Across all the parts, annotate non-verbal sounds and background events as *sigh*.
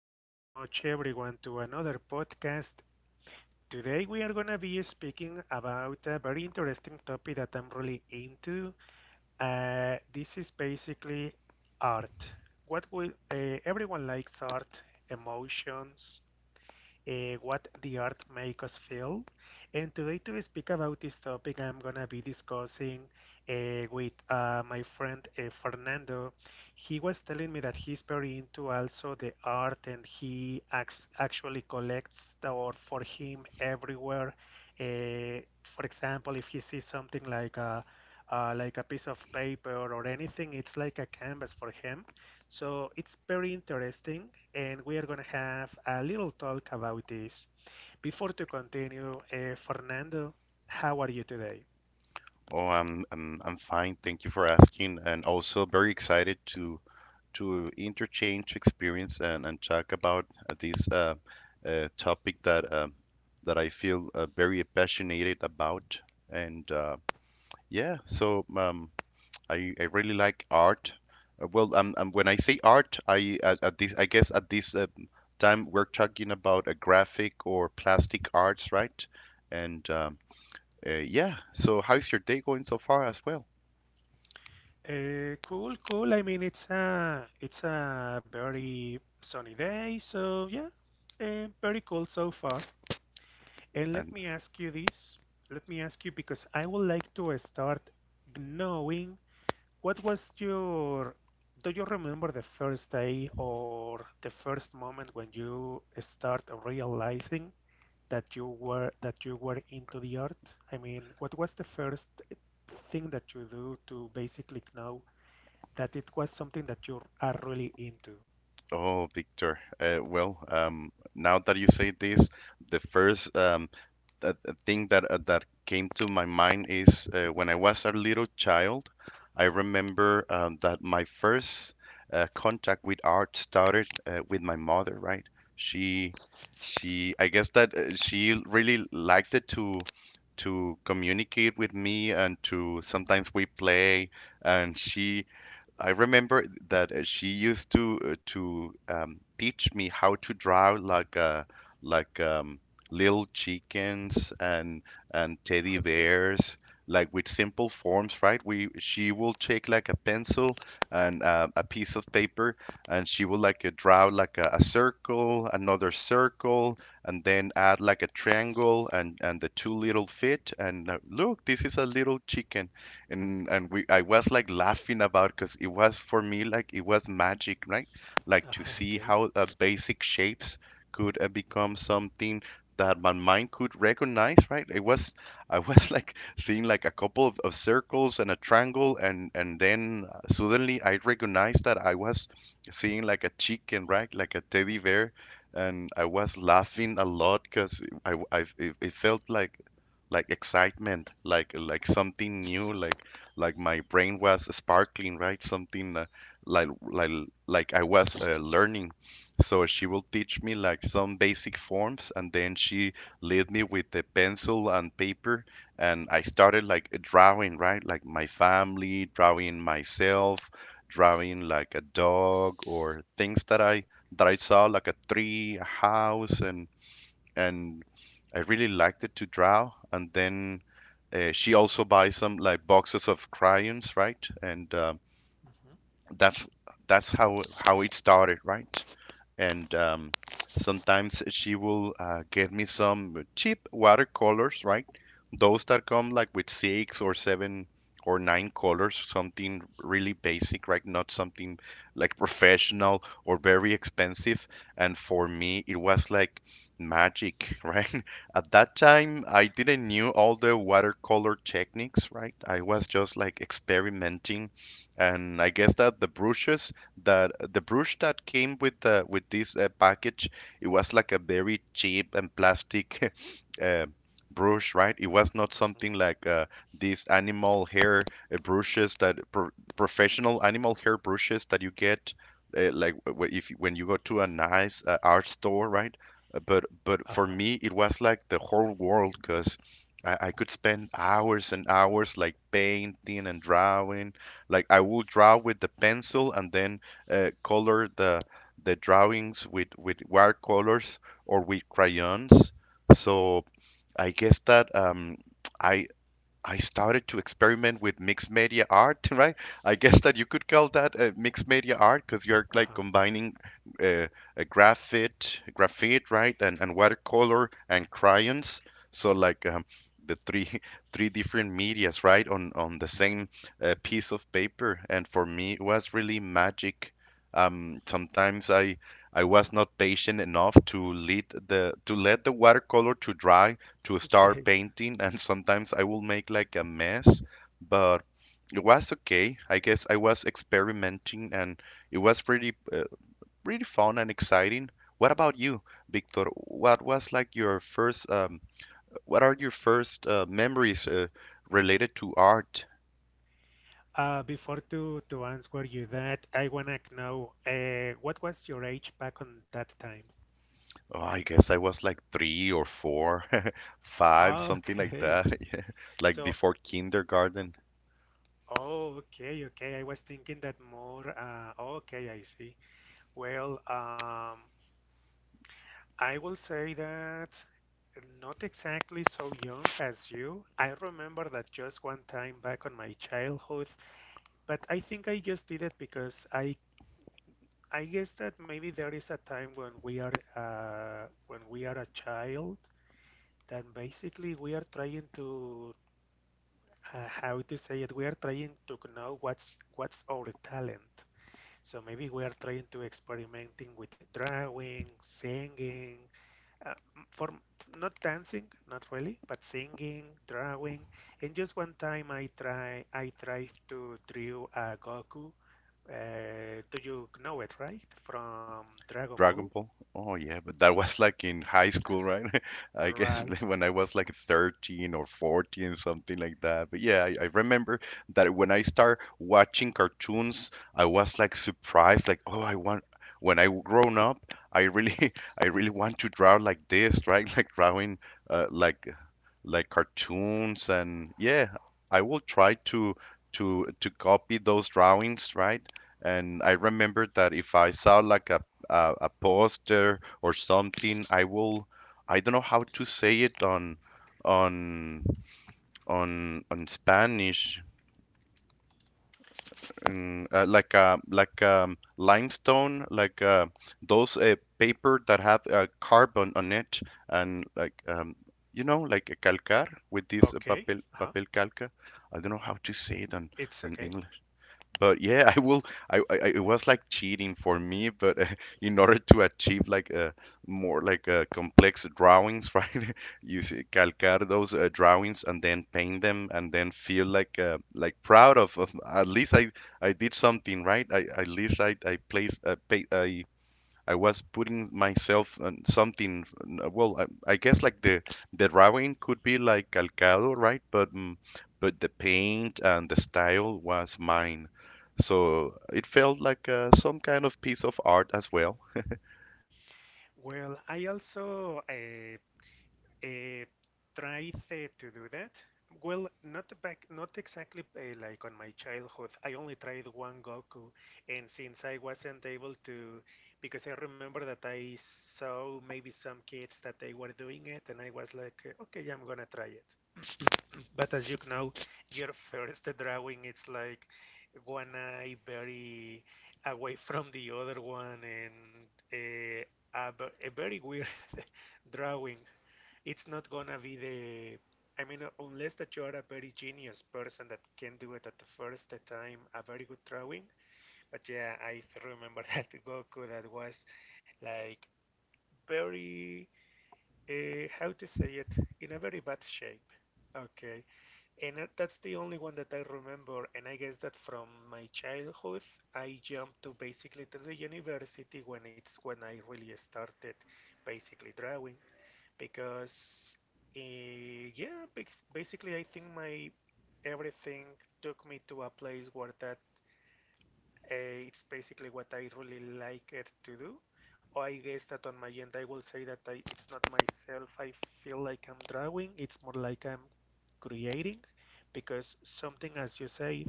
thank you so much everyone to another podcast. Today we are going to be speaking about a very interesting topic that I'm really into. This is basically art. What will everyone likes art, emotions, what the Art makes Us Feel. And today, to speak about this topic, I'm gonna be discussing with my friend Fernando. He was telling me that he's very into also the art, and he actually collects the art for him everywhere. For example, if he sees something like a piece of paper or anything, it's like a canvas for him. So it's very interesting and we are going to have a little talk about this. Before to continue, Fernando, how are you today? Oh, I'm fine. Thank you for asking, and also very excited to interchange experience and talk about this topic that I feel very passionate about. And yeah, so I really like art. Well, when I say art, I guess at this time we're talking about a graphic or plastic arts, right? And yeah, so how's your day going so far as well? Cool, cool. I mean, it's a very sunny day, so yeah, very cool so far. And let And me ask you this. Let me ask you because I would like to start knowing what was your. Do you remember the first day or the first moment when you start realizing that you were into the art? I mean, what was the first thing that you do to basically know that it was something that you are really into? Oh, Victor, well, now that you say this, the first thing that came to my mind is when I was a little child, I remember that my first contact with art started with my mother, right? She, she, I guess that she really liked it to communicate with me and to sometimes we play and she I remember that she used to teach me how to draw like little chickens and teddy Okay. bears, like with simple forms, right? We She will take like a pencil and a piece of paper, and she will like draw like a circle, another circle, and then add like a triangle and the two little fit. And look, this is a little chicken and we I was like laughing about because it was for me like it was magic, right? *laughs* Like to Uh-huh, see okay. how basic shapes could become something that my mind could recognize, right? It was *laughs* I was like seeing like a couple of circles and a triangle, and then suddenly I recognized that I was seeing like a chicken, right? Like a teddy bear, and I was laughing a lot because it felt like excitement, like something new, like my brain was sparkling, right? Something like like like I was learning. So she will teach me like some basic forms, and then she lead me with the pencil and paper, and I started like drawing, right? Like my family, drawing myself, drawing like a dog or things that I saw, like a tree, a house, and I really liked it to draw. And then she also buys some like boxes of crayons, right? And hmm that's that's how it started, right? and Sometimes she will get me some cheap watercolors, right? Those that come like with six or seven or nine colors, something really basic, right? Not something like professional or very expensive. And for me, it was like magic, *laughs* right? At that time, I didn't knew all the watercolor techniques, right? I was just like experimenting, and I guess that the brush that came with the with this package, it was like a very cheap and plastic *laughs* uh, brush, right? It was not something hmm like these animal hair brushes that pro professional animal hair brushes that you get like w- if when you go to a nice art store, right? But for Uh-huh. me, it was like the whole world because I could spend hours and hours like painting and drawing. Like I would draw with the pencil and then color the drawings with watercolors or with crayons. So I guess that I I started to experiment with mixed media art, *laughs* right? I guess that you could call that mixed media art because you're like Uh-huh. combining uh, graphite, right, and watercolor and crayons. So like the three *laughs* three different medias, right, on the same piece of paper. And for me, it was really magic. Sometimes I was not patient enough to let the watercolor to dry to *laughs* Okay. start painting, and sometimes I will make like a mess, but it was okay. I guess I was experimenting, and it was pretty fun and exciting. What about you, Victor? What are your first memories related to art? Before to answer you that, I wanna know what was your age back on that time? Oh, I guess I was like three or four, *laughs* five, something like Okay. that, *laughs* yeah. Like So, before kindergarten. oh, okay, okay. I was thinking that more. Okay, I see. Well, I will say that not exactly so young as you. I remember that just one time back on my childhood, but I think I just did it because I guess that maybe there is a time when we are a child that basically we are trying to how to say it, we are trying to know what's our talent. So maybe we are trying to experimenting with drawing, singing, uh, for not dancing, not really, but singing, drawing. And just one time, I tried to draw a Goku. Do you know it, right? From Dragon Ball, Dragon Ball. Oh yeah, but that was like in high school, right? *laughs* I guess right? like, when I was like 13 or 14, something like that. But yeah, I remember that when I start watching cartoons, I was like surprised, like, oh, I want when I grown up, I really *laughs* I really want to draw like this, right? *laughs* Like drawing uh, like like cartoons, and yeah, I will try to copy those drawings, right, and I remember that if I saw like a poster or something, I don't know how to say it on on Spanish, like limestone, like those paper that have carbon on it, and like like a calcar with this Okay, uh-huh. papel calca. I don't know how to say it It's on okay. English, but yeah, I will I- it was like cheating for me, but *laughs* in order to achieve like more like complex drawings, *laughs* right, you see, calcar those drawings, and then paint them, and then feel like proud of at least I did something, right, I at least I placed pay, I was putting myself on something. Well, I guess like the drawing could be like calcado, right? But the paint and the style was mine, so it felt like some kind of piece of art as well. Well, I also uh, tried to do that. Well, not back, not exactly like on my childhood. I only tried one Goku, and since I wasn't able to, because I remember that I saw maybe some kids that they were doing it, and I was like, okay, I'm gonna try it. But as you know, your *laughs* first drawing it's like one eye very away from the other one, and uh, a, a very weird *laughs* drawing it's not gonna be the I mean, unless that you are a very genius person that can do it at the first time, a very good drawing. But yeah, remember *laughs* that Goku that was like very, how to say it, in a very bad shape. Okay, and that's the only one that I remember. And I guess that from my childhood, I jumped to basically to the university when it's when I really started basically drawing because yeah, basically I think my everything took me to a place where that it's basically what I really like it to do. Or I guess that on my end I will say that I, it's not myself. I feel like I'm drawing. It's more like I'm creating because something as you say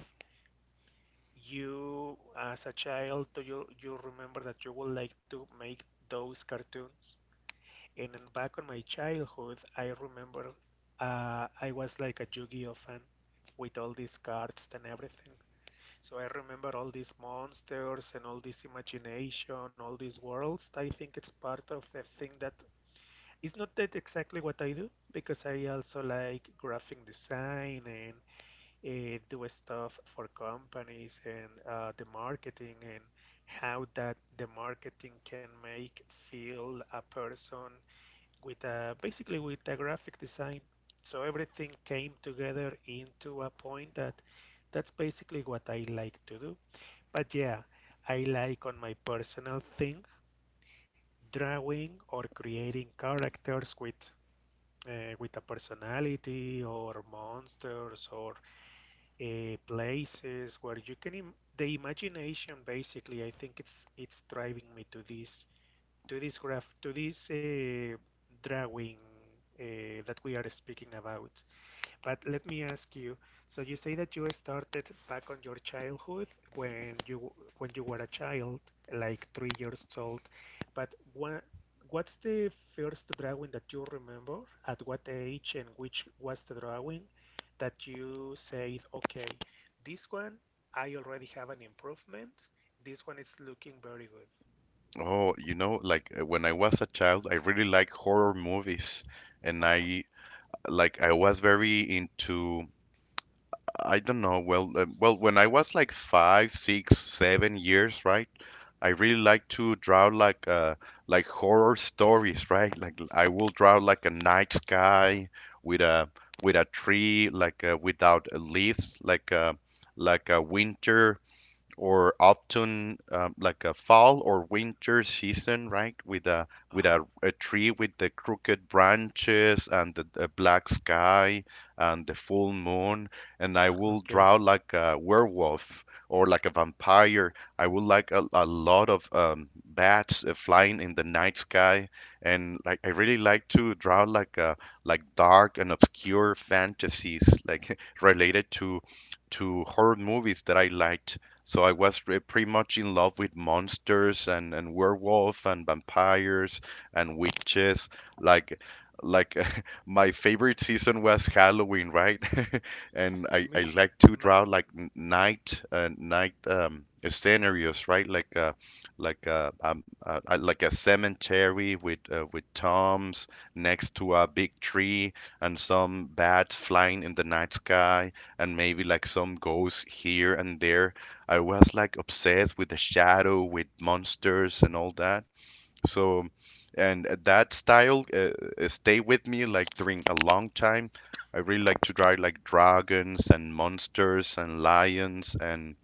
you as a child, do you you remember that you would like to make those cartoons. And then back on my childhood, I remember I was like a Yu-Gi-Oh fan with all these cards and everything. So I remember all these monsters and all this imagination, all these worlds. I think it's part of the thing that it's not that exactly what I do because I also like graphic design and do stuff for companies and the marketing, and how that the marketing can make feel a person with a, basically with a graphic design. So everything came together into a point that that's basically what I like to do. But yeah, I like on my personal thing drawing or creating characters with a personality, or monsters, or places where you can the imagination basically I think it's driving me to this to this drawing that we are speaking about. But let me ask you. So you say that you started back on your childhood when you when you were a child, like 3 years old. But what's the first drawing that you remember? At what age and which was the drawing that you said, okay, this one I already have an improvement. This one is looking very good. Oh, like when I was a child, I really like horror movies, and Uh-huh. I was very into. I don't know. Well, when I was like 5, 6, 7 years, right? I really like to draw like horror stories, right? Like I will draw like a night sky with a with a tree, like without leaves, like a winter or autumn, like a fall or winter season, right? With a with Uh-huh. a, a tree with the crooked branches and the black sky and the full moon, and I will Okay. draw like a werewolf or like a vampire. I would like a lot of bats flying in the night sky, and like I really like to draw like dark and obscure fantasies like *laughs* related to horror movies that I liked. So I was pretty much in love with monsters and werewolf and vampires and witches. Like like *laughs* my favorite season was Halloween, right? *laughs* And I Me, like to my, draw like night scenarios, right? Like a cemetery with tombs, next to a big tree, and some bats flying in the night sky, and maybe like some ghosts here and there. I was like obsessed with the shadow, with monsters and all that. So, and that style stay with me like during a long time. I really like to draw like dragons and monsters and lions, and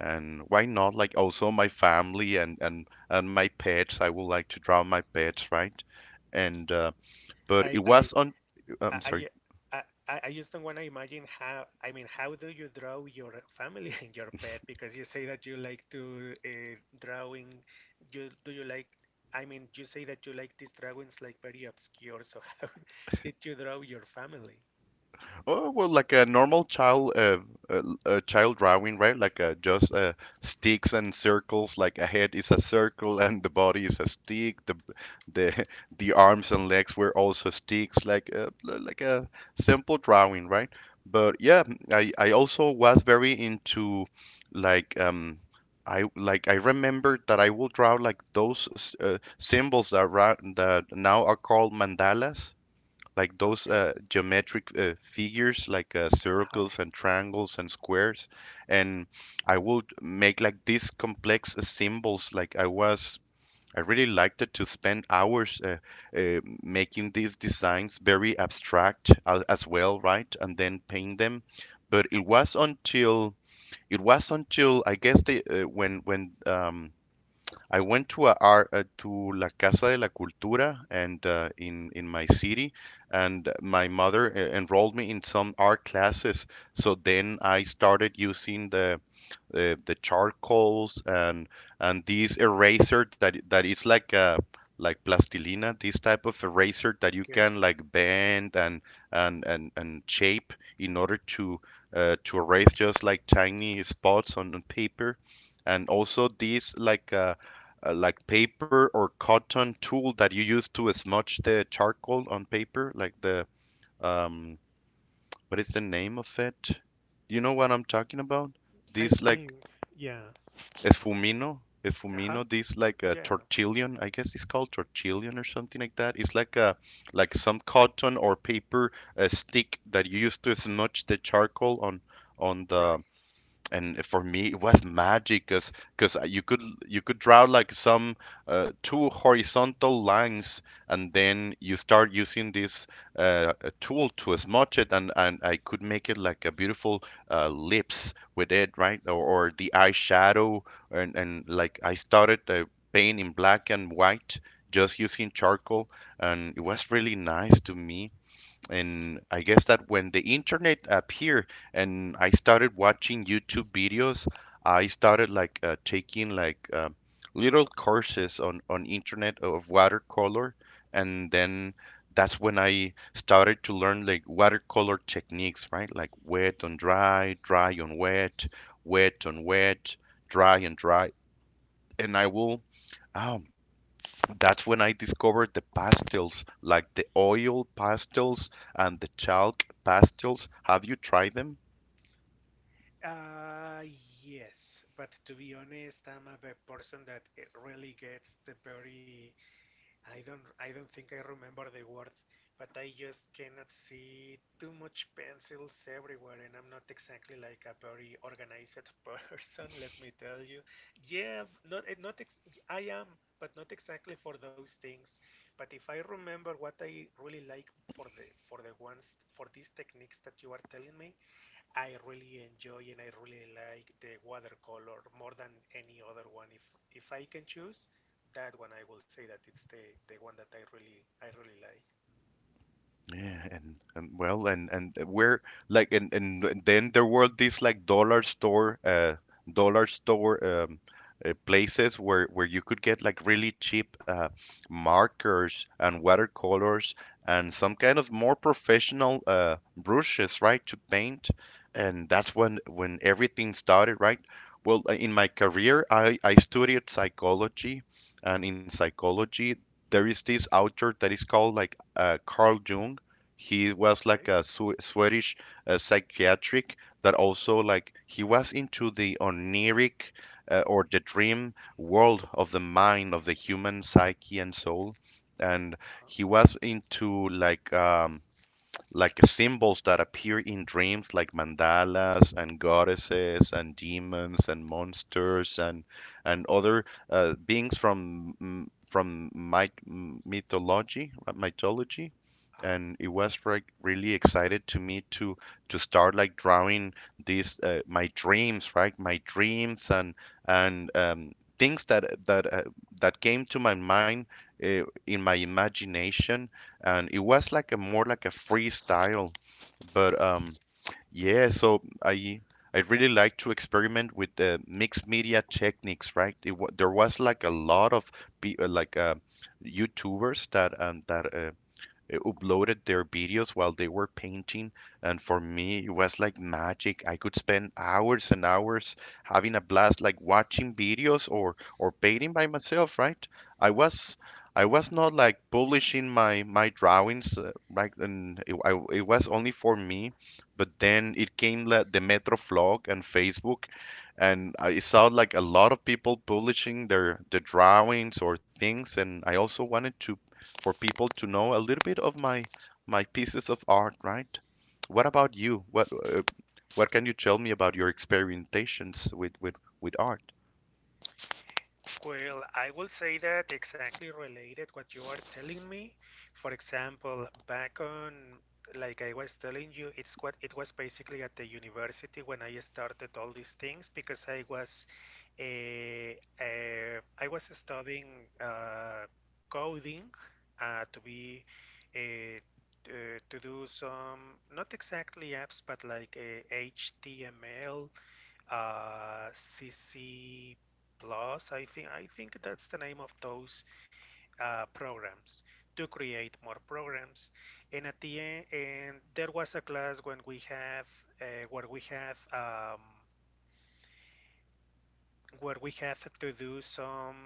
and why not like also my family, and my pets. I would like to draw my pets, right? And But I, it I, was on. I'm I, sorry. I, I just don't want to imagine how. I mean, how do you draw your family *laughs* and your pet? Because you say that you like to drawing. You do you like? I mean, you say that you like these drawings like very obscure. So *laughs* how did you draw your family? Oh, well, like a normal child, child drawing, right? Like just sticks and circles. Like a head is a circle, and the body is a stick. The *laughs* the arms and legs were also sticks. Like a simple drawing, right? But yeah, I also was very into like um. I remember that I will draw like those symbols that now are called mandalas, like those Okay. Geometric figures, like Uh-huh. circles and triangles and squares. And I would make like these complex symbols. I really liked it to spend hours, making these designs very abstract as well, right? And then paint them. But it was until It was until I guess the when I went to a art, to La Casa de la Cultura, and in my city, and my mother enrolled me in some art classes. So then I started using the charcoals and this eraser that is like plastilina, this type of eraser that you Okay. can like bend and shape in order to erase just like tiny spots on the paper, and also these like paper or cotton tool that you use to smudge the charcoal on paper, like the, um, what is the name of it? Do you know what I'm talking about? I This think. like Yeah. efumino, Uh-huh. efumino. This like a Yeah. tortillion, I guess it's called tortillion or something like that. It's like a like some cotton or paper stick that you use to smudge the charcoal on the Right. and for me it was magic because cause you could draw like some two horizontal lines, and then you start using this tool to smudge it, and I could make it like a beautiful lips with it, right, or the eyeshadow, and like I started painting in black and white, just using charcoal, and it was really nice to me. And I guess that when the internet appeared and I started watching YouTube videos, I started like taking like little courses on internet of watercolor, and then that's when I started to learn like watercolor techniques, right? Like wet on dry, dry on wet, wet on wet, dry and dry, and I will. Oh, that's when I discovered the pastels, like the oil pastels and the chalk pastels. Have you tried them? Uh, yes, but to be honest, I'm a bad person that it really gets the very I don't think I remember the word, but I just cannot see too much pencils everywhere and I'm not exactly like a very organized *laughs* person, let me tell you. Yeah, not eh, not ex I am, but not exactly for those things. But if I remember what I really like for the ones for these techniques that you are telling me, I really enjoy and I really like the watercolor more than any other one. If I can choose that one, I will say that it's the one that I really like. Yeah, and well, then there were these like dollar store places where you could get like really cheap markers and watercolors, and Mhm. some kind of more professional brushes, right, to paint. And that's when everything started, right? Well, in my career, I studied psychology, and in psychology, there is this author that is called like Carl Jung. He was like Okay. a Swedish psychiatric that also like he was into the oniric, or the dream world of the mind of the human psyche and soul, and Uh huh. he was into like symbols that appear in dreams, like mandalas and goddesses and demons and monsters, and other beings from, from mythology, Uh. and it was like really excited to me to start like drawing these, my dreams, right, my dreams and things that came to my mind, in my imagination, and it was like a more like a freestyle. But yeah, so I really like to experiment with the mixed media techniques, right? There was like a lot of pe- uh, like uh, YouTubers that uploaded their videos while they were painting. And for me, it was like magic. I could spend hours and hours having a blast, like watching videos or painting by myself, right? I was I was not like publishing my drawings, right? And it was only for me. But then it came like the Metro vlog and Facebook, and I saw like a lot of people publishing the drawings or things, and I also wanted to for people to know a little bit of my pieces of art, right? What about you? What can you tell me about your experimentations with art? Well, I will say that exactly related what you are telling me. For example, back on, like I was telling you, it's what it was basically at the university when I started all these things because eh, I was studying coding to be eh, t- to do some not exactly apps but like HTML C C Plus. I think that's the name of those programs to create more programs. And at the end, and there was a class when we have where we have where we had to do some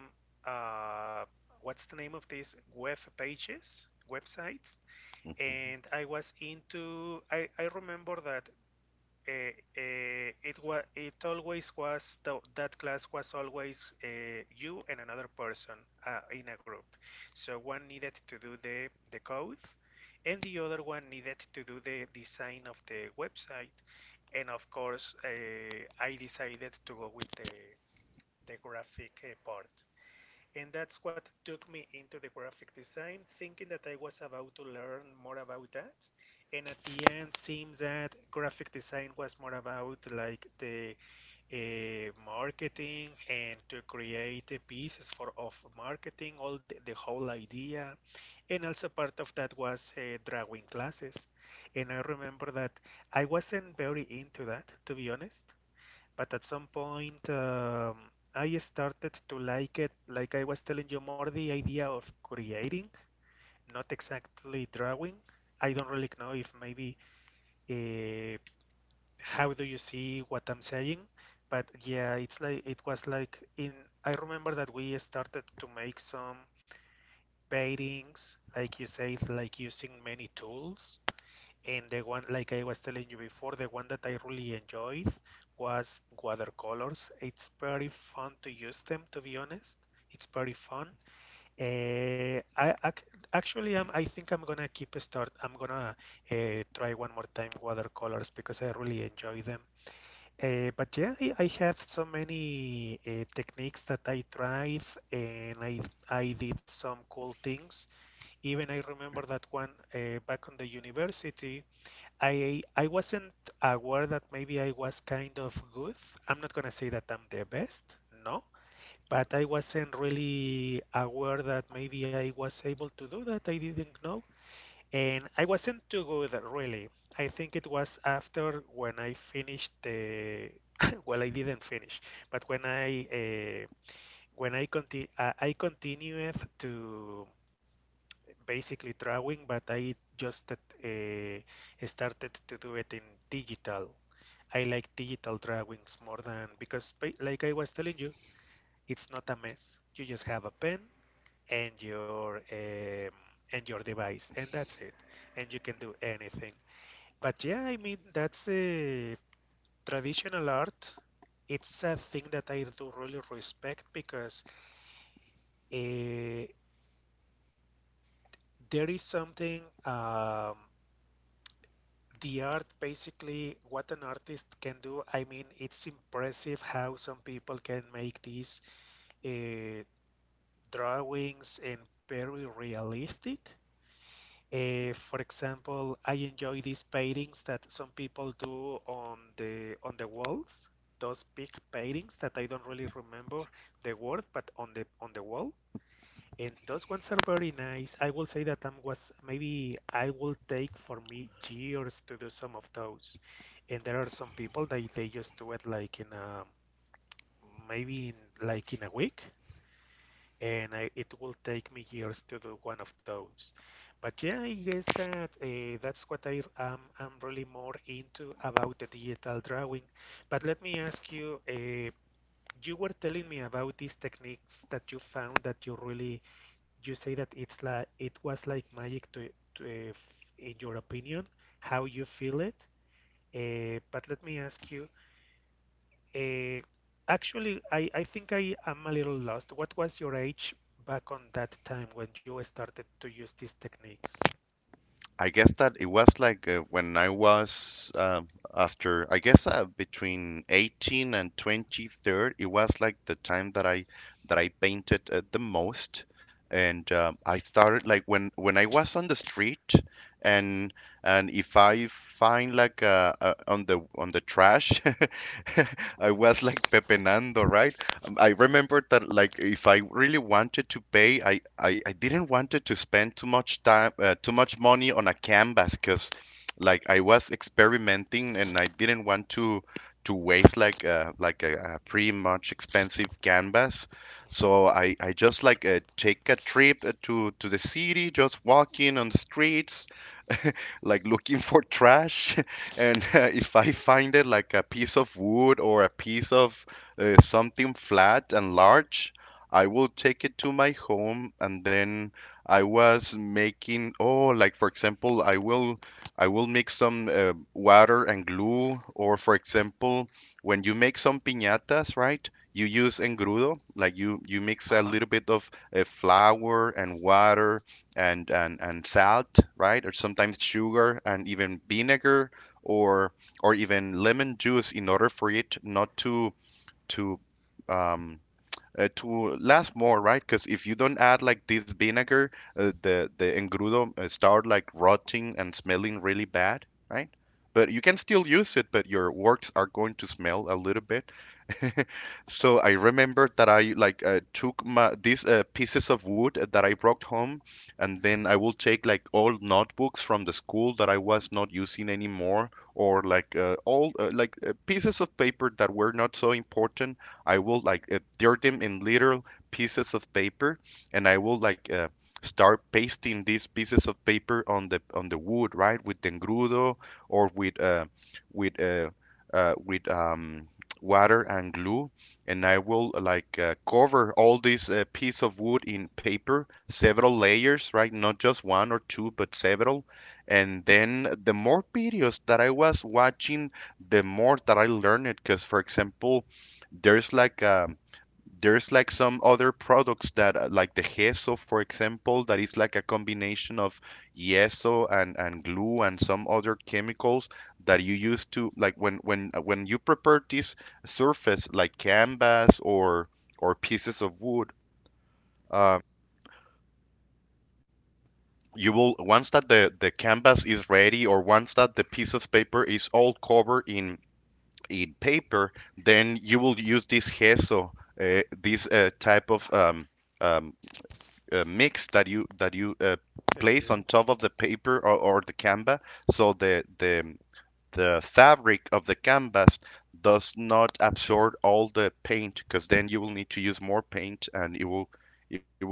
uh, what's the name of this web pages, websites. Mhm. And I was I remember that it always was that class was always you and another person in a group. So one needed to do the code and the other one needed to do the design of the website. And of course I decided to go with the graphic part. And that's what took me into the graphic design, thinking that I was about to learn more about that. And at the end, seems that graphic design was more about like the marketing and to create pieces for of marketing, all the whole idea. And also part of that was drawing classes. And I remember that I wasn't very into that, to be honest, but at some point I started to like it. Like I was telling you, more the idea of creating, not exactly drawing. I don't really know if maybe uh, how do you see what I'm saying, but yeah, it's like it was like in. I remember that we started to make some paintings, like you said, like using many tools. And the one, like I was telling you before, the one that I really enjoyed was watercolors. It's pretty fun to use them, to be honest. It's pretty fun. I ac actually, I think I'm gonna keep a start. I'm gonna try one more time watercolors because I really enjoy them. But yeah, I had so many techniques that I tried, and I did some cool things. Even I remember that one back on the university. I wasn't aware that maybe I was kind of good. I'm not gonna say that I'm the best, no, but I wasn't really aware that maybe I was able to do that. I didn't know, and I wasn't too good really. I think it was after when I finished the *coughs* *laughs* well, I didn't finish, but uh, when I continued to basically drawing, but I just started to do it in digital. I like digital drawings more than because, like I was telling you, it's not a mess. You just have a pen and your um, and your device, and that's it. And you can do anything. But yeah, I mean that's a traditional art. It's a thing that I do really respect because uh, there is something um, the art, basically, what an artist can do. I mean, it's impressive how some people can make these uh, drawings and very realistic. Uh, for example, I enjoy these paintings that some people do on the walls, those big paintings that I don't really remember the word, but on the wall. And those ones are very nice. I will say that I was maybe I will take for me years to do some of those. And there are some people that they just do it like in a maybe in like in a week, and it will take me years to do one of those. But yeah, I guess that that's what I'm really more into about the digital drawing. But let me ask you. You were telling me about these techniques that you found that you really you say that it's like it was like magic to in your opinion how you feel it. Uh, but let me ask you. uh, Actually, I think I am a little lost. What was your age back on that time when you started to use these techniques? I guess that it was like when I was, after, I guess, between 18 and 23rd, it was like the time that I painted the most. And I started like when I was on the street, and if I find like on the trash, *laughs* I was like pepenando, right? I remembered that, like, if I really wanted to pay, I didn't wanted to spend too much time, too much money on a canvas, because like I was experimenting and I didn't want to waste like, like a pretty much expensive canvas. Hmm. So I just like take a trip to the city, just walking on the streets like looking for trash, *laughs* and if I find it like a piece of wood or a piece of, something flat and large, I will take it to my home, and then I was making. Oh, like for example, I will mix some, water and glue. Or for example, when you make some piñatas, right? You use engrudo, like you mix a Uh-huh. little bit of, flour and water, and and salt, right? Or sometimes sugar and even vinegar, or even lemon juice, in order for it not to, to um to last more, right? Because if you don't add like this vinegar, the engrudo start like rotting and smelling really bad, right? But you can Okay. still use it, but your works are going to smell a little bit. *laughs* So I remember that I like, took my these, pieces of wood that I brought home, and then I will take like old notebooks from the school that I was not using anymore, or like, old, pieces of paper that were not so important. I will like, tear them in little pieces of paper, and I will like, start pasting these pieces of paper on the wood, right, with engrudo, or with, with uh, uh, with um water and glue, and I will like, cover all this, piece of wood in paper, several layers, right? Not just one or two, but several. And then the more videos that I was watching, the more that I learned it. Because, for example, there's like a there's like some other products that, like the gesso, for example, that is like a combination of yeso and glue and some other chemicals that you use to, like, when you prepare this surface, like canvas or pieces of wood, uh, you will once that the canvas is ready, or once that the piece of paper is all covered in paper, then you will use this gesso, this, type of, Uh-huh. Um, mix that you place Okay. on top of the paper, or the canvas, so the fabric of the canvas does not absorb all the paint, because then you will need to use more paint, and it will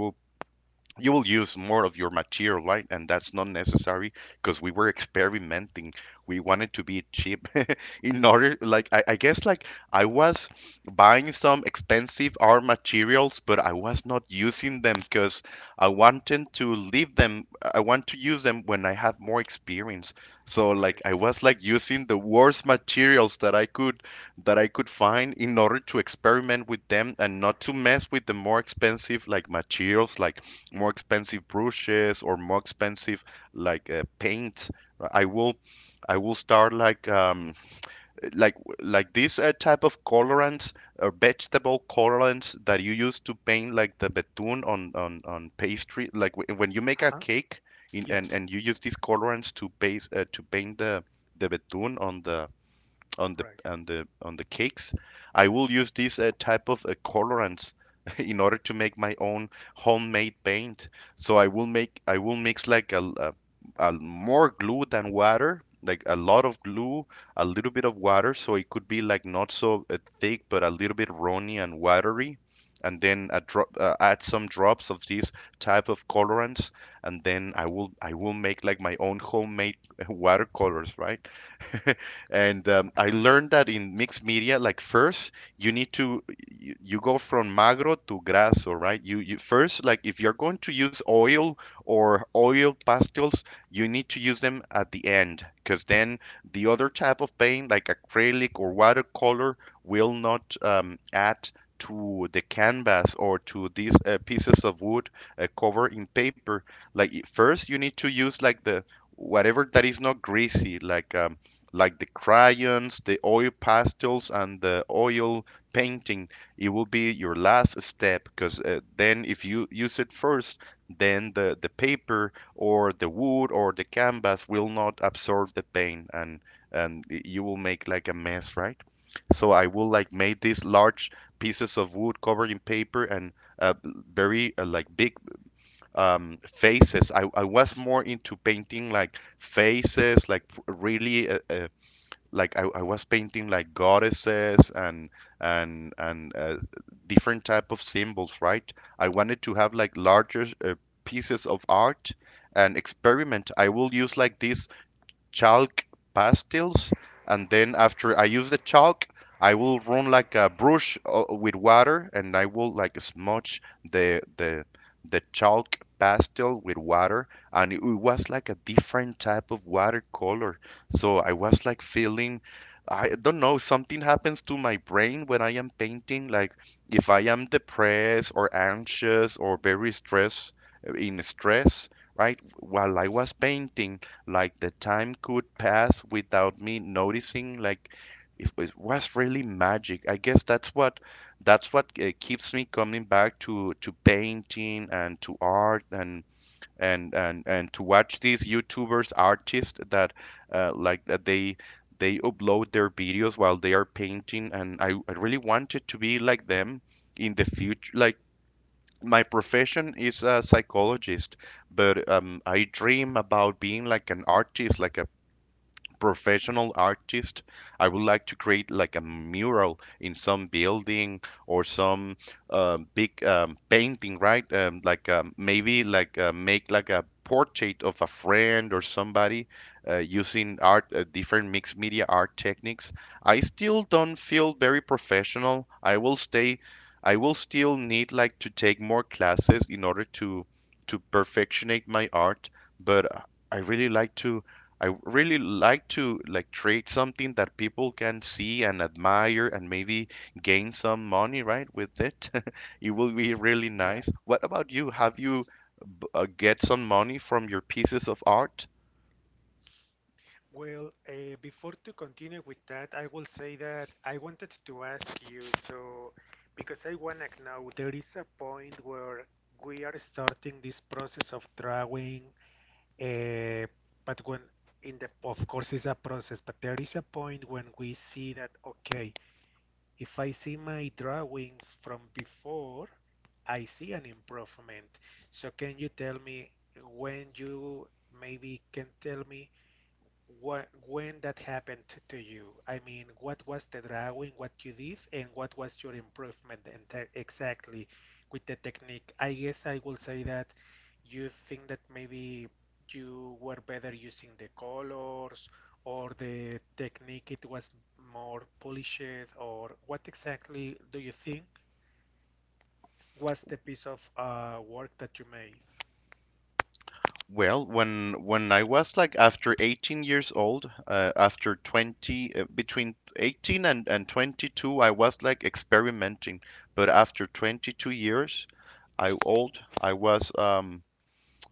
you will use more of your material, right? And that's not necessary, because we were experimenting. We wanted to be cheap, *laughs* in order, like, I guess, like, I was buying some expensive art materials, but I was not using them because I wanted to leave them. I want to use them when I have more experience. So, Right. like, I was like using the worst materials that I could find, in order to experiment with them and not to mess with the more expensive like materials, like more expensive brushes or more expensive like, paints, right? I will start like, like like this, type of colorants, or vegetable colorants that you use to paint like the betun on pastry, like when you make a Uh-huh. cake. in, Yeah. and and you use these colorants to paint the betun on the on the Right. on the on the cakes. I will use this, type of, colorants, *laughs* in order to make my own homemade paint. So I will mix like a more glue than water, like a lot of glue, a little bit of water, so it could be like not so, thick but a little bit runny and watery. And then add some drops of this type of colorants, and then I will make like my own homemade *laughs* watercolors, right? *laughs* And I Mhm. learned that in mixed media, like first you need to you go from magro to grasso, right? You first, like, if you're going to use oil or oil pastels, you need to use them at the end, because then the other type of paint, like acrylic or watercolor, will not, add to the canvas or to these, pieces of wood, covered in paper. Like first you need to use like the whatever that is not greasy, like, like the crayons, the oil pastels, and the oil painting. It will be your last step, because, then if you use it first, then the paper or the wood or the canvas will not absorb the paint, and you will make like a mess, right? So I will like make these large pieces of wood covered in paper, and, very, like big, faces. I was more into painting like faces, like really like I was painting like goddesses and different type of symbols, right? I wanted to have like larger pieces of art and experiment. I will use like this chalk pastels, and then after I use the chalk, I will run like a brush with water, and I will like smudge the chalk pastel with water, and it was like a different type of watercolor. So I was like feeling. I don't know, something happens to my brain when I am painting. Like if I am depressed or anxious or very stressed in stress, right? While I was painting, like the time could pass without me noticing. Like it was really magic. I guess that's what keeps me coming back to painting and to art and to watch these YouTubers artists that like that they upload their videos while they are painting and I really wanted to be like them in the future like my profession is a psychologist, but I dream about being like an artist, like professional artist. I would like to create like a mural in some building or some big painting, right? Like maybe like make like a portrait of a friend or somebody using art, different mixed media art techniques. I still don't feel very professional. I will stay. I will still need like to take more classes in order to perfectionate my art, but I really like to I really like to like create something that people can see and admire and maybe gain some money, right, with it. *laughs* It will be really Yeah. nice. What about you? Have you get some money from your pieces of art? Well, before to continue with that, I will say that I wanted to ask you, so because I wanna know, there is a point where we are starting this process of drawing, uh, but when in the, of course, it's a process, but there is a point when we see that, okay, if I see my drawings from before, I see an improvement. So can you tell me when you maybe can tell me? What, when that happened to you? I mean, what was the drawing, what you did, and what was your improvement and exactly with the technique? I guess I will say that you think that maybe you were better using the colors or the technique it was more polished, or what exactly do you think was the piece of work that you made? Well, when I was like after 18 years old, after 20, between 18 and 22, I was like experimenting. But after 22 years, I was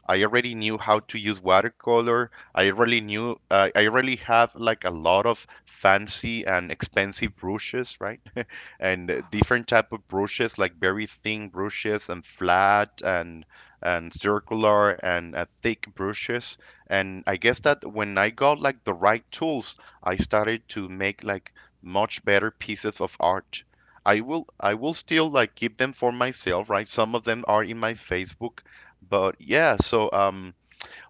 I already knew how to use watercolor. I already knew, I already have like a lot of fancy and expensive brushes, right? *laughs* And Uh-huh. different type of brushes, like very thin brushes and flat and circular and thick brushes. And I guess that when I got like the right tools, I started to make like much better pieces of art. I will still like keep them for myself, right? Some of them are in my Facebook, but yeah, so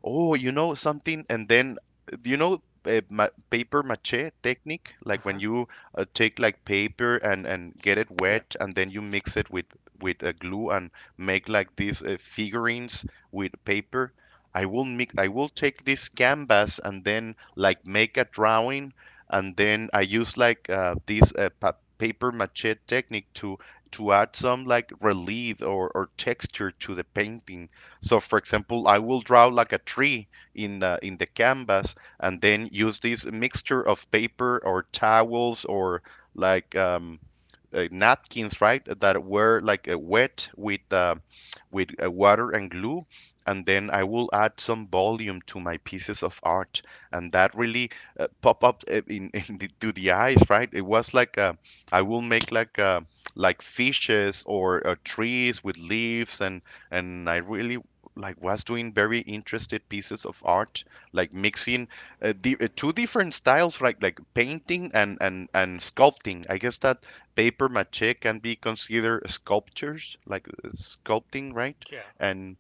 oh, you know something, and then do you know ma paper mache technique? Like when Uh-huh. you take like paper and get it Yeah. wet, and then you mix it with a glue and make like these figurines with paper. I will mix. I will take this canvas and then like make a drawing, and then I use like this pa paper mache technique to add some like relief or texture to the painting. So for example, I will draw like a tree in in the canvas and then use this mixture of paper or towels or like napkins, right? That were like wet with water and glue, and then I will add some volume to my pieces of art, and that really pop up *laughs* in to the eyes, right? It was like I will make like fishes or trees with leaves, and I really like was doing very interested pieces of art, like mixing two different styles, right? Like painting and sculpting. I guess that paper mache can be considered sculptures, like sculpting, right? Yeah. And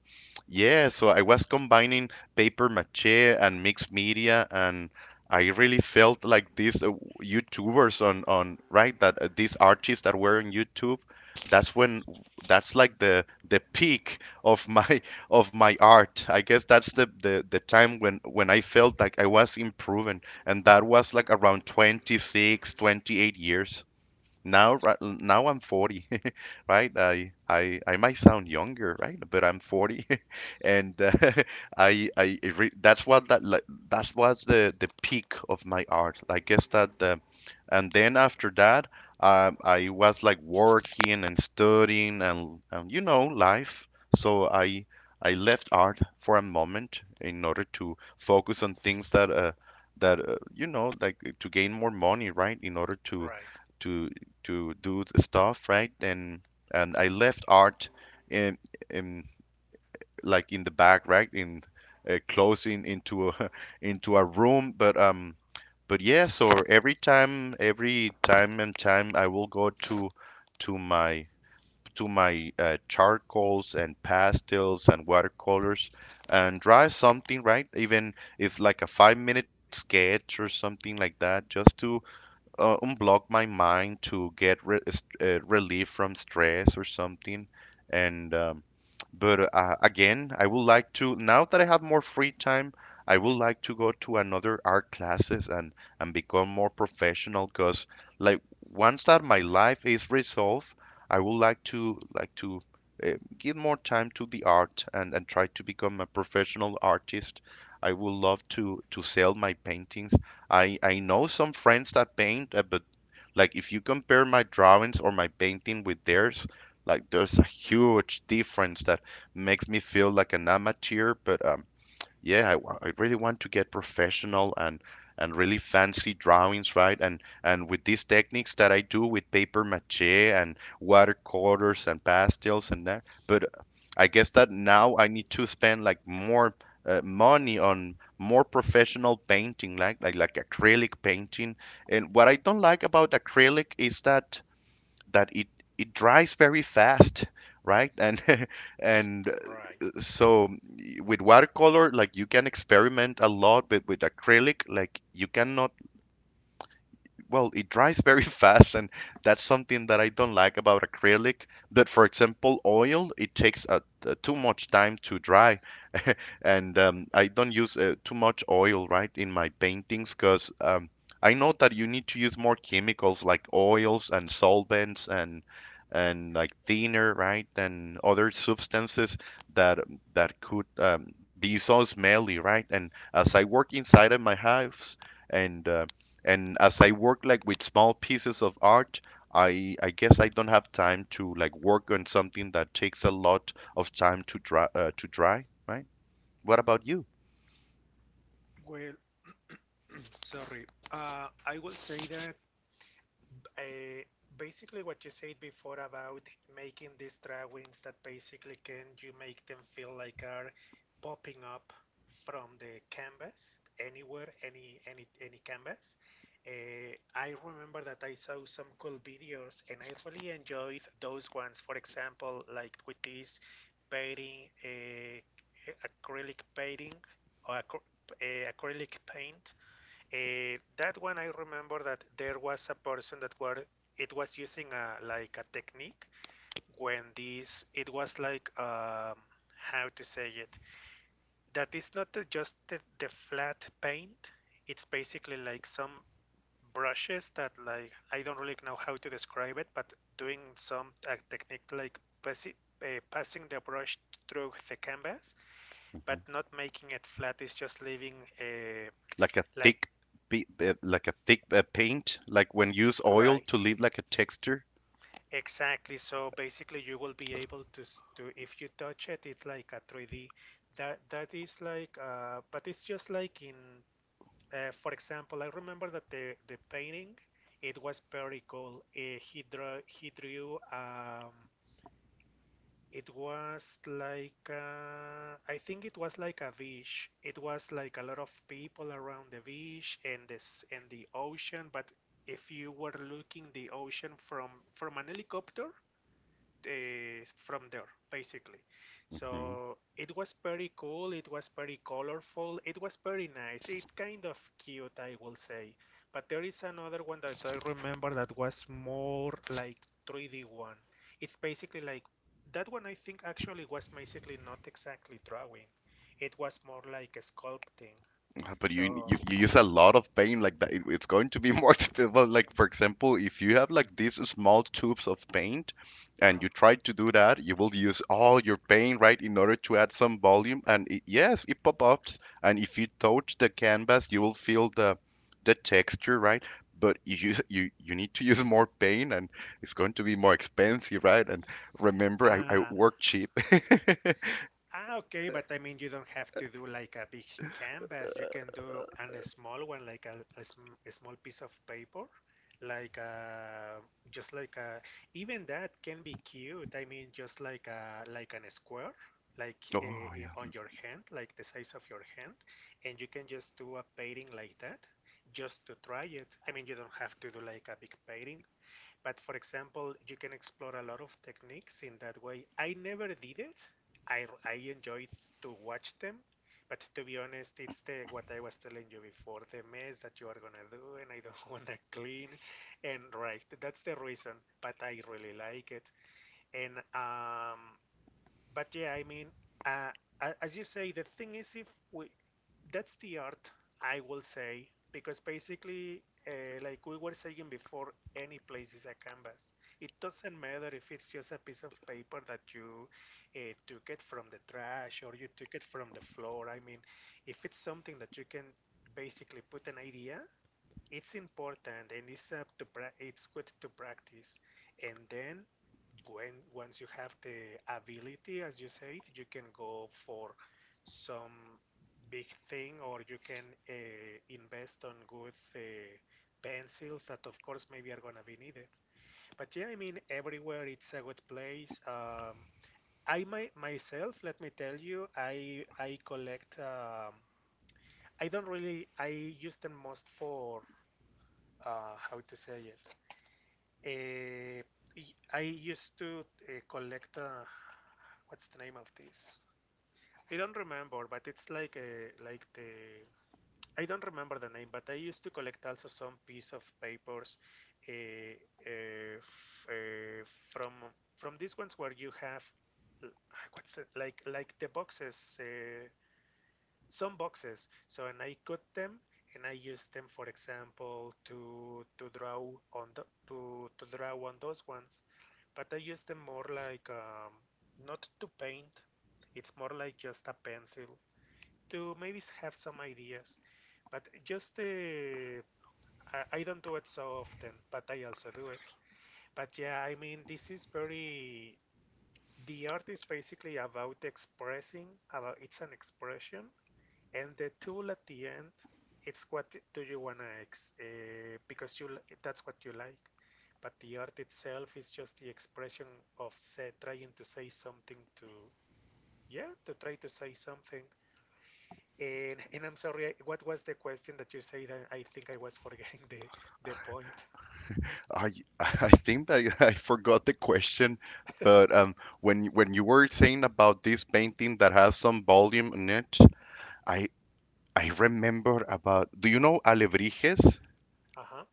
yeah, so I was combining paper mache and mixed media, and I really felt like these YouTubers on right that these artists that were on YouTube. That's when that's like the peak of my *laughs* of my art. I guess that's the time when I felt like I was improving, and that was like around 26, 28 years. Now, now I'm 40, *laughs* right? I might sound younger, right? But I'm 40, *laughs* and *laughs* I it re that's what that like, that was the peak of my art. And then after that, I was like working and studying and you know life. So I left art for a moment in order to focus on things that you know like to gain more money, right? In order to Right. to to do the stuff, right? And I left art in, in like in the back, right? In closing into a, *laughs* into a room, but yes, or every time and time, I will go to to my to my charcoals and pastels and watercolors and draw something, right? Even if like a 5 minute sketch or something like that, just to unblock my mind to get relief from stress or something. And but again, I would like to, now that I have more free time, I would like to go to another art classes and become more professional because like once that my life is resolved, I would like to give more time to the art and try to become a professional artist. I would love to sell my paintings. I know some friends that paint, but like if you compare my drawings or my painting with theirs, like there's a huge difference that makes me feel like an amateur, but yeah, I really want to get professional and really fancy drawings, right? And with these techniques that I do with paper maché and watercolors and pastels and that, but I guess that now I need to spend like more money on more professional painting, like acrylic painting. And what I don't like about acrylic is that it it dries very fast, right? And *laughs* and Right. so with watercolor, like you can experiment a lot, but with acrylic, like you cannot, well, it dries very *laughs* fast, and that's something that I don't like about acrylic. But for example, oil, it takes too much time to dry and I don't use too much oil, right, in my paintings because I know that you need to use more chemicals like oils and solvents and like thinner, right, and other substances that that could be so smelly, right? And as I work inside of my house and uh, and as I work like with small pieces of art, I guess I don't have time to like work on something that takes a lot of time to dry right? What about you? Well, sorry. I will say that uh, basically what you said before about making these drawings that basically can you make them feel like are popping up from the canvas anywhere, any canvas. I remember that I saw some cool videos and I really enjoyed those ones. For example, like with this painting, acrylic painting or acrylic paint. Uh, that one, I remember that there was a person that were it was using a like a technique when this it was like how to say it, that is not just the flat paint. It's basically like some brushes that like I don't really know how to describe it, but doing some technique like passing the brush through the canvas, Mhm. but not making it flat. It's just leaving a Like a like thick, like a thick paint, like when use oil right. to leave like a texture. Exactly. So basically, you will be able to to if you touch it, it's like a 3D. That that is like, but it's just like in, for example, I remember that the painting, it was very cool. He drew he drew. It was like I think it was like a beach. It was like a lot of people around the beach and this and the ocean. But if you were looking the ocean from an helicopter from there, basically. Mhm. So it was pretty cool, it was pretty colorful, it was pretty nice, it's kind of cute, I will say. But there is another one that I remember that was more like 3D one. It's basically like that one I think actually was basically not exactly drawing, it was more like a sculpting. Ah, but you, So you use a lot of paint like that. It's going to be more *laughs* expensive. Well, like for example, if you have like these small tubes of paint, and uh-huh. you try to do that, you will use all your paint right in order to add some volume. And it, yes, it pop ups. And if you touch the canvas, you will feel the texture, right? But you you need to use more paint, and it's going to be more expensive, right? And remember, I Ah. work cheap. *laughs* Ah, okay, but I mean, you don't have to do like a big canvas. You can do an small one, like a a small piece of paper, like just like a, even that can be cute. I mean, just like a, like an square, like Oh yeah. on your hand, like the size of your hand, and you can just do a painting like that, just to try it. I mean, you don't have to do like a big painting. But for example, you can explore a lot of techniques in that way. I never did it. I enjoyed to watch them, but to be honest, it's the what I was telling you before, the mess that you are gonna do, and I *laughs* don't wanna clean, and right, that's the reason. But I really like it, and but yeah, I mean, uh, as you say, the thing is, if we, that's the art, I will say, because basically, like we were saying before, any place is a canvas. It doesn't matter if it's just a piece of paper that you took it from the trash or you took it from the floor. I mean, if it's something that you can basically put an idea, it's important and it's up to it's good to practice. And then when once you have the ability, as you said, you can go for some big thing, or you can invest on good pencils that, of course, maybe are gonna be needed. But yeah, I mean, everywhere it's a good place. I myself, let me tell you, I collect. I don't really. I use them most for how to say it. Uh, I used to collect. What's the name of this? I don't remember, but it's like the. I don't remember the name, but I used to collect also some piece of papers uh, uh, uh, from from these ones where you have what's it like the boxes some boxes. So and I cut them and I use them, for example, to draw on the, to draw on those ones. But I use them more like not to paint. It's more like just a pencil to maybe have some ideas. But just I don't do it so often, but I also do it. But yeah, I mean this is very the art is basically about expressing, about it's an expression, and the tool at the end it's what do you wanna ex because you that's what you like, but the art itself is just the expression of say, trying to say something to yeah to try to say something. And I'm sorry, what was the question that you said? I think I was *laughs* forgetting the point. I *laughs* I think that *laughs* I forgot the question, *laughs* but when you were saying about this painting that has some volume in it, I I remember about. Do you know alebrijes? Uh-huh.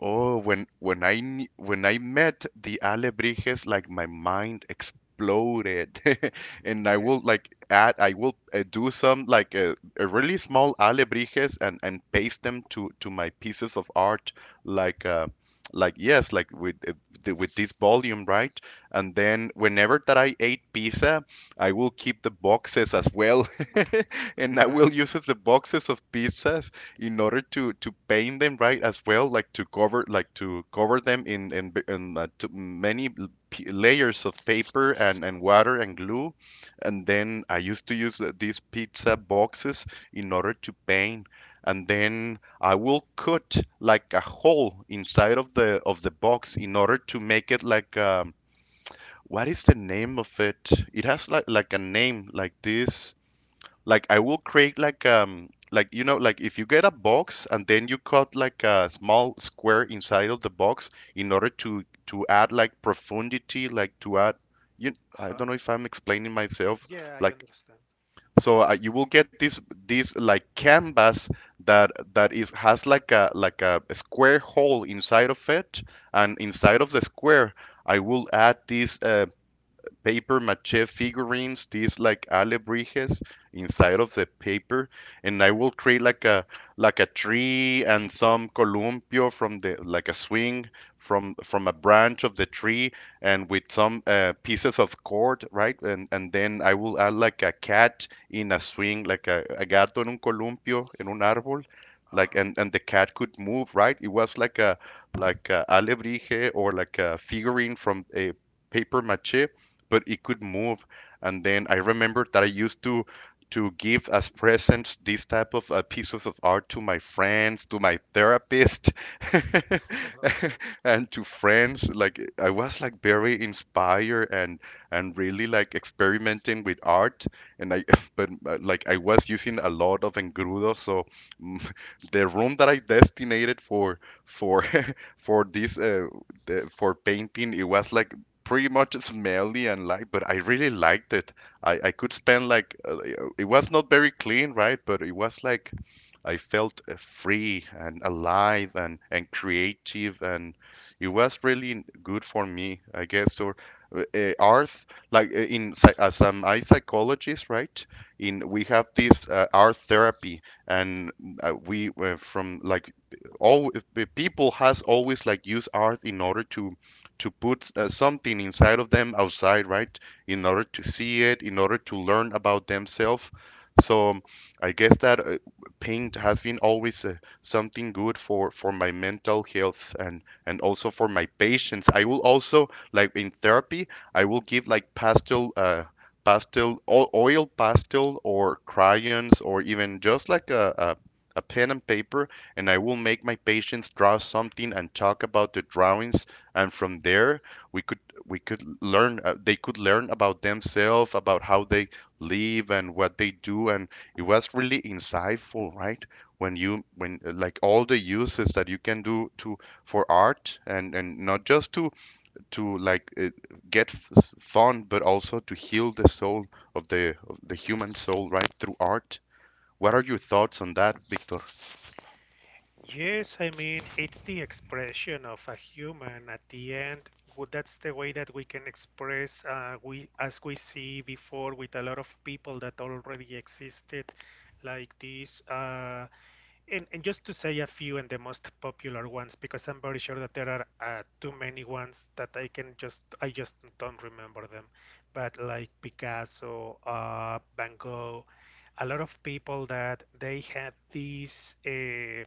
Oh, when when I met the Alebrijes, like my mind exploded, *laughs* and Okay. I will do some like a really small Alebrijes and paste them to my pieces of art, like yes, like with with this volume, right? And then whenever that I ate pizza, I will keep the boxes as well, *laughs* and I will Right. use as the boxes of pizzas in order to paint them right as well, like to cover them in to many layers of paper and water and glue, and then I used to use these pizza boxes in order to paint. And then I will cut like a hole inside of the box in order to make it like what is the name of it? It has like a name like this. Like I will create like like if you get a box and then you cut like a small square inside of the box in order to add like profundity, like to add. You, I Uh-huh. don't know if I'm explaining myself. Yeah, I Like, understand. so you will get this, like canvas that is has like a square hole inside of it, and inside of the square I will add these paper mache figurines, these like alebrijes inside of the paper, and I will create like a tree and some columpio from the, like a swing from a branch of the tree, and with some pieces of cord, right? And then I will add like a cat in a swing, like a gato en un columpio, en un árbol. Like, Uh-huh. and the cat could move, right? It was like a alebrije or like a figurine from a paper mache, but it could move. And then I remembered that I used to give as presents these type of pieces of art to my friends, to my therapist, *laughs* *laughs* Okay. and to friends. Like, I was like very inspired and really like experimenting with art. And I *laughs* but like, I was using a lot of engrudo, so, mm, *laughs* the room that I designated for for *laughs* for this for painting, it was like pretty much smelly, and like, but I really liked it. I could spend like, it was not very clean, right? But it was like, I felt free and alive and creative, and it was really good for me, I guess. Or art, like, in as I'm I psychologist, right? In we have this art therapy, and we, from like all, people has always like used art in order to put, something inside of them outside, right? In order to see it, in order to learn about themselves. So, I guess that, paint has been always, something good for my mental health, and also for my patients. I will also, like, in therapy, I will give like pastel pastel oil pastel or crayons, or even just like a pen and paper, and I will make my patients draw something and talk about the drawings. And from there, we could we could learn, they could learn about themselves, about how they live and what they do, and it was really insightful, right? When you, when, like, all the uses that you can do to for art, and not just to, like, get fun, but also to heal the soul of the human soul, right, through art. What are your thoughts on that, Victor? Yes, I mean, it's the expression of a human at the end. Well, that's the way that we can express, we as we see before with a lot of people that already existed, like this. And just to say a few and the most popular ones, because I'm very sure that there are too many ones that I can just, I just don't remember them. But like Picasso, Van Gogh, a lot of people that they had these.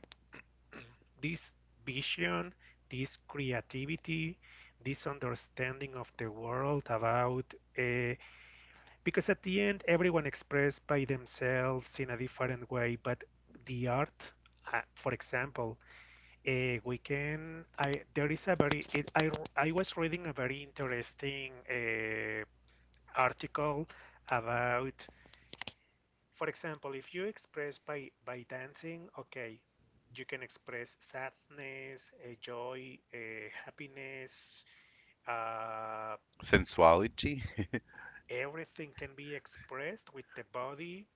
This vision, this creativity, this understanding of the world about uh, because at the end everyone expressed by themselves in a different way, but the art, for example, we can I there is a very I was reading a very interesting article about for example, if you express by dancing, okay, you can express sadness, joy, happiness. Uh, Sensuality. Everything can be expressed with the body,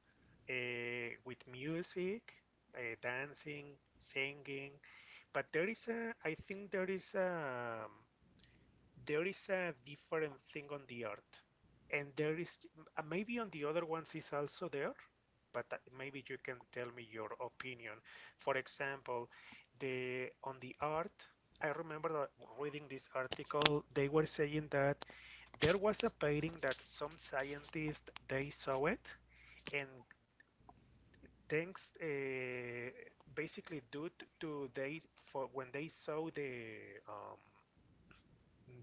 with music, dancing, singing. But there is a, I think there is a different thing on the earth, and there is maybe on the other ones is also there, but maybe you can tell me your opinion. For example, the on the earth, I remember that reading this article they were saying that there was a painting that some scientists they saw it and thanks basically due to they for when they saw the um,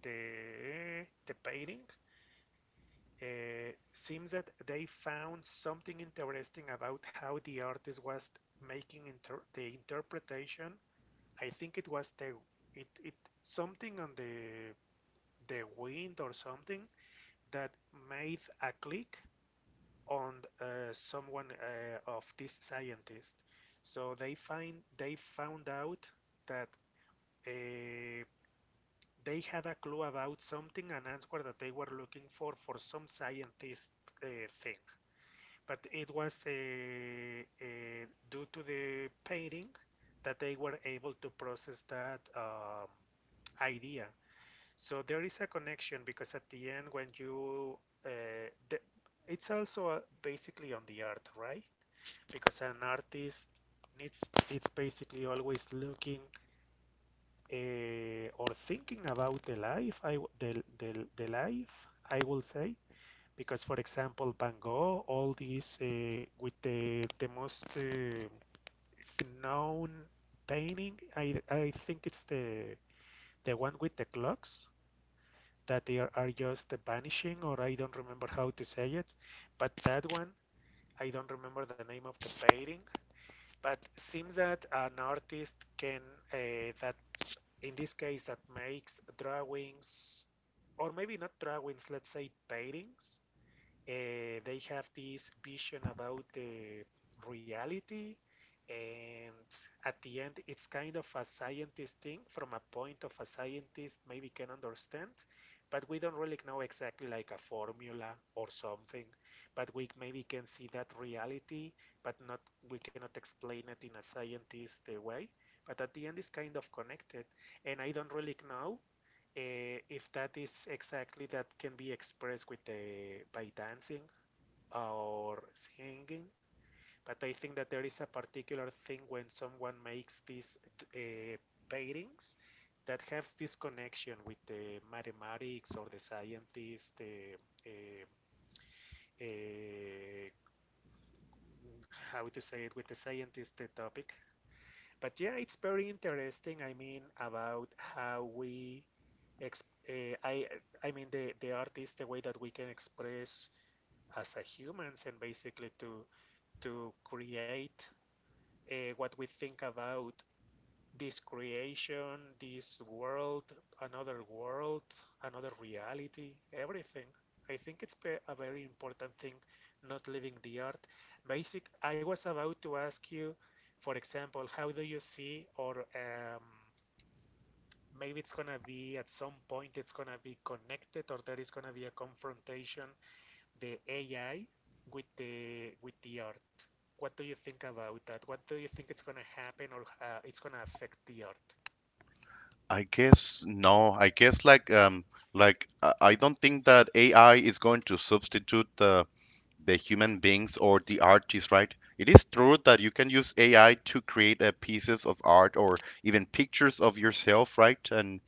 the painting seems that they found something interesting about how the artist was making the interpretation. I think it was the it something on the wind or something that made a click on someone of this scientist. So they find they found out that uh, they had a clue about something, an answer that they were looking for some scientist uh, thing. But it was due to the painting that they were able to process that idea. So there is a connection because at the end, when you, uh, the, it's also basically on the art, right? Because an artist needs, it's basically always looking or thinking about the life, the life, I will say, because for example Van Gogh, all these with the most known painting, I think it's the one with the clocks that they are just vanishing, or I don't remember how to say it, but that one. I don't remember the name of the painting, but it seems that an artist can that in this case that makes drawings, or maybe not drawings, let's say paintings. They have this vision about the reality, and at the end it's kind of a scientist thing. From a point of a scientist, maybe can understand, but we don't really know exactly, like a formula or something, but we maybe can see that reality. But not, we cannot explain it in a scientist way, but at the end it's kind of connected. And I don't really know if that is exactly that can be expressed with the by dancing or singing. But I think that there is a particular thing when someone makes these uh, paintings, that has this connection with the mathematics or the scientists, the uh, uh, how to say it, with the scientist the topic. But yeah, it's very interesting. I mean, about how we, exp uh, I, I mean, the art is the way that we can express as a humans, and basically to create what we think about this creation, this world, another reality, everything. I think it's a very important thing, not leaving the art. Basic, I was about to ask you, for example, how do you see, or maybe it's gonna be, at some point it's gonna be connected, or there is gonna be a confrontation, the AI with the art. What do you think about that? What do you think it's gonna happen, or it's gonna affect the art? I guess no. I guess like, like I don't think that AI is going to substitute the human beings or the artists, right? It is true that you can use AI to create pieces of art or even pictures of yourself, right? And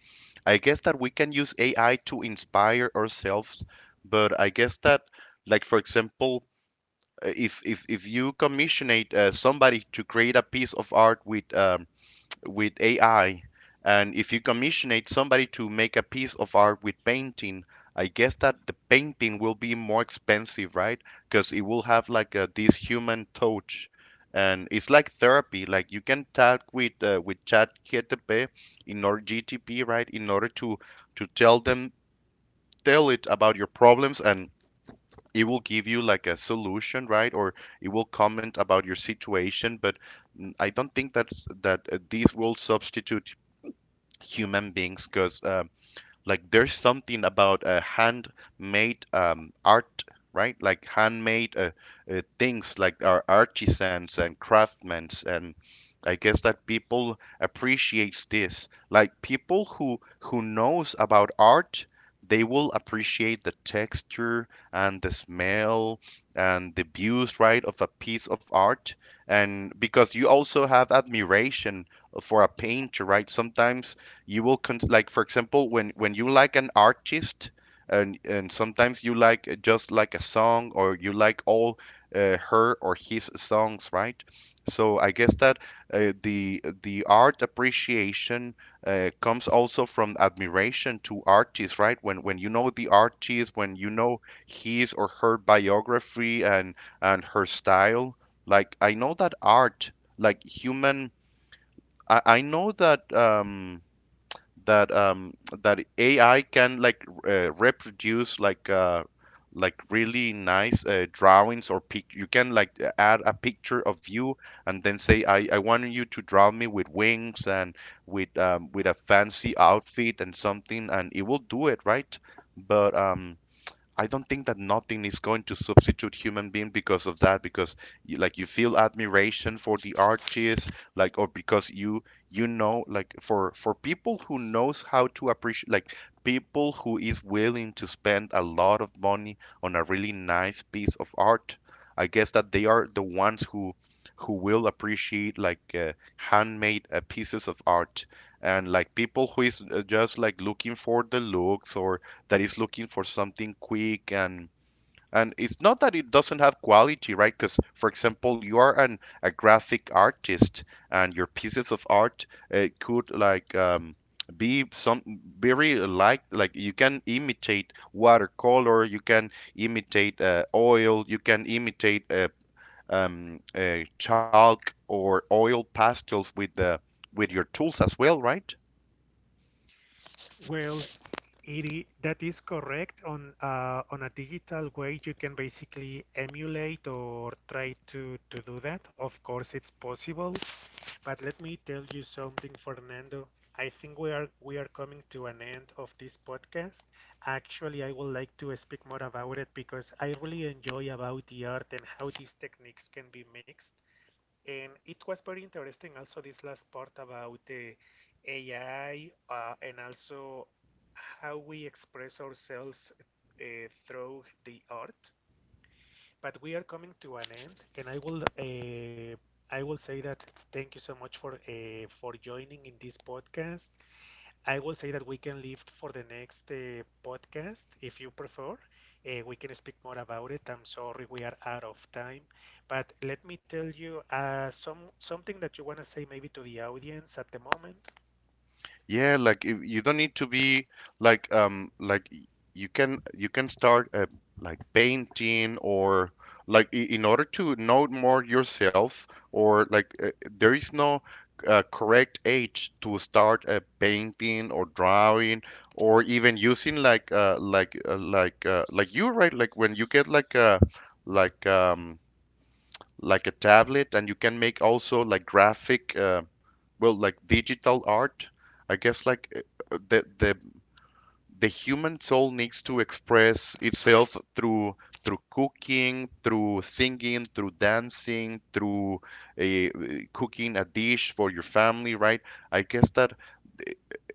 I guess that we can use AI to inspire ourselves, but I guess that, like, for example, if you commissionate, somebody to create a piece of art with, with AI. And if you commissionate somebody to make a piece of art with painting, I guess that the painting will be more expensive, right? Because it will have like a, this human touch, and it's like therapy. Like, you can talk with, with ChatGPT, in order GTP, right? In order to tell them, tell it about your problems, and it will give you like a solution, right? Or it will comment about your situation, but, I don't think that these will substitute human beings, because, like, there's something about, handmade, art, right? Like handmade, things, like our artisans and craftsmen. And I guess that people appreciates this, like people who knows about art, they will appreciate the texture and the smell and the views, right, of a piece of art. And because you also have admiration for a painter, right, sometimes you will like, for example, when you like an artist, and sometimes you like, just like a song, or you like all, her or his songs, right? So I guess that, the art appreciation, comes also from admiration to artists, right, when you know the artist, when you know his or her biography, and her style. Like, I know that art, like human. I know that that um, that AI can, like, reproduce, like, like really nice, drawings or pic. You can, like, add a picture of you, and then say, I want you to draw me with wings and with, with a fancy outfit and something, and it will do it, right? But, I don't think that nothing is going to substitute human being because of that, because you, like, you feel admiration for the artist, like, or because you know, like, for people who knows how to appreciate, like people who is willing to spend a lot of money on a really nice piece of art. I guess that they are the ones who will appreciate, like, handmade, pieces of art, and like people who is, just like looking for the looks, or that is looking for something quick, and it's not that it doesn't have quality, right? Because, for example, you are an a graphic artist, and your pieces of art, could, like, be some very, like you can imitate watercolor, you can imitate, oil, you can imitate, chalk or oil pastels with the with your tools as well, right? Well, it I that is correct. On a digital way, you can basically emulate, or try to to do that. Of course, it's possible. But let me tell you something, Fernando. I think we are coming to an end of this podcast. Actually, I would like to speak more about it because I really enjoy about the art and how these techniques can be mixed. And it was very interesting also this last part about the AI, and also how we express ourselves uh, through the art. But we are coming to an end, and I will say that thank you so much for joining in this podcast. I will say that we can leave for the next podcast if you prefer. We can speak more about it. I'm sorry we are out of time, but let me tell you something that you want to say, maybe to the audience at the moment. Yeah, like if you don't need to be, like, like you can, start a, like, painting, or like in order to know more yourself, or like, there is no, correct age to start a painting or drawing, or even using like like you, right? Like when you get like a, like um like a tablet, and you can make also, like, graphic, well, like digital art. I guess like, the human soul needs to express itself through, cooking, through singing, through dancing, through, uh, cooking a dish for your family, right? I guess that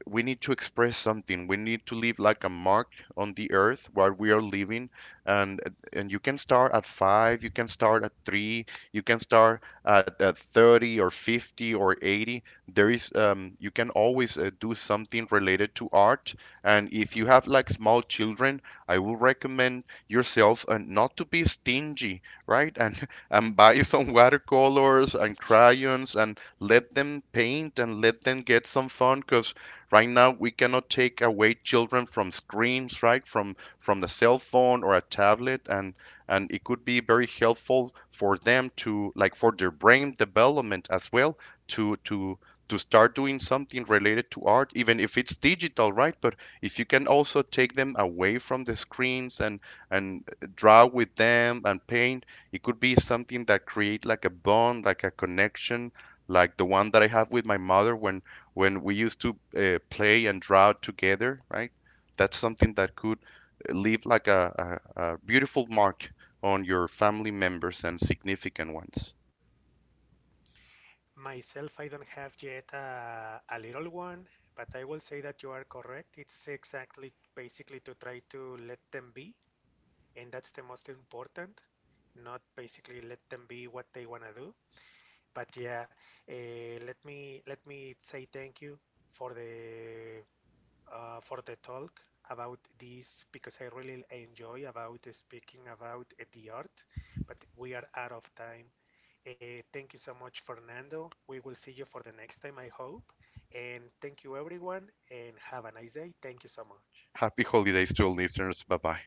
we need to express something. We need to leave like a mark on the earth where we are living, and you can start at 5, you can start at 3, you can start at 30 or 50 or 80. There is, you can always, do something related to art, and if you have like small children, I will recommend yourself, not to be stingy, right? And *laughs* and buy some Mhm. watercolors and crayons and let them paint and let them get some fun because right now, we cannot take away children from screens, right? From the cell phone or a tablet, and it could be very helpful for them to, like, for their brain development as well, to to to start doing something related to art, even if it's digital, right? But if you can also take them away from the screens, and and draw with them and paint, it could be something that create like a bond, like a connection, like the one that I have with my mother, when we used to, play and draw together, right? That's something that could, leave like a beautiful mark on your family members and significant ones. Myself, I don't have yet a little one, but I will say that you are correct. It's exactly basically to try to let them be, and that's the most important. Not basically, let them be what they want to do. But yeah, let me say thank you for the for the talk about this, because I really enjoy about speaking about the art. But we are out of time. Thank you so much, Fernando. We will see you for the next time, I hope. And thank you, everyone, and have a nice day. Thank you so much. Happy holidays to all listeners. Bye bye.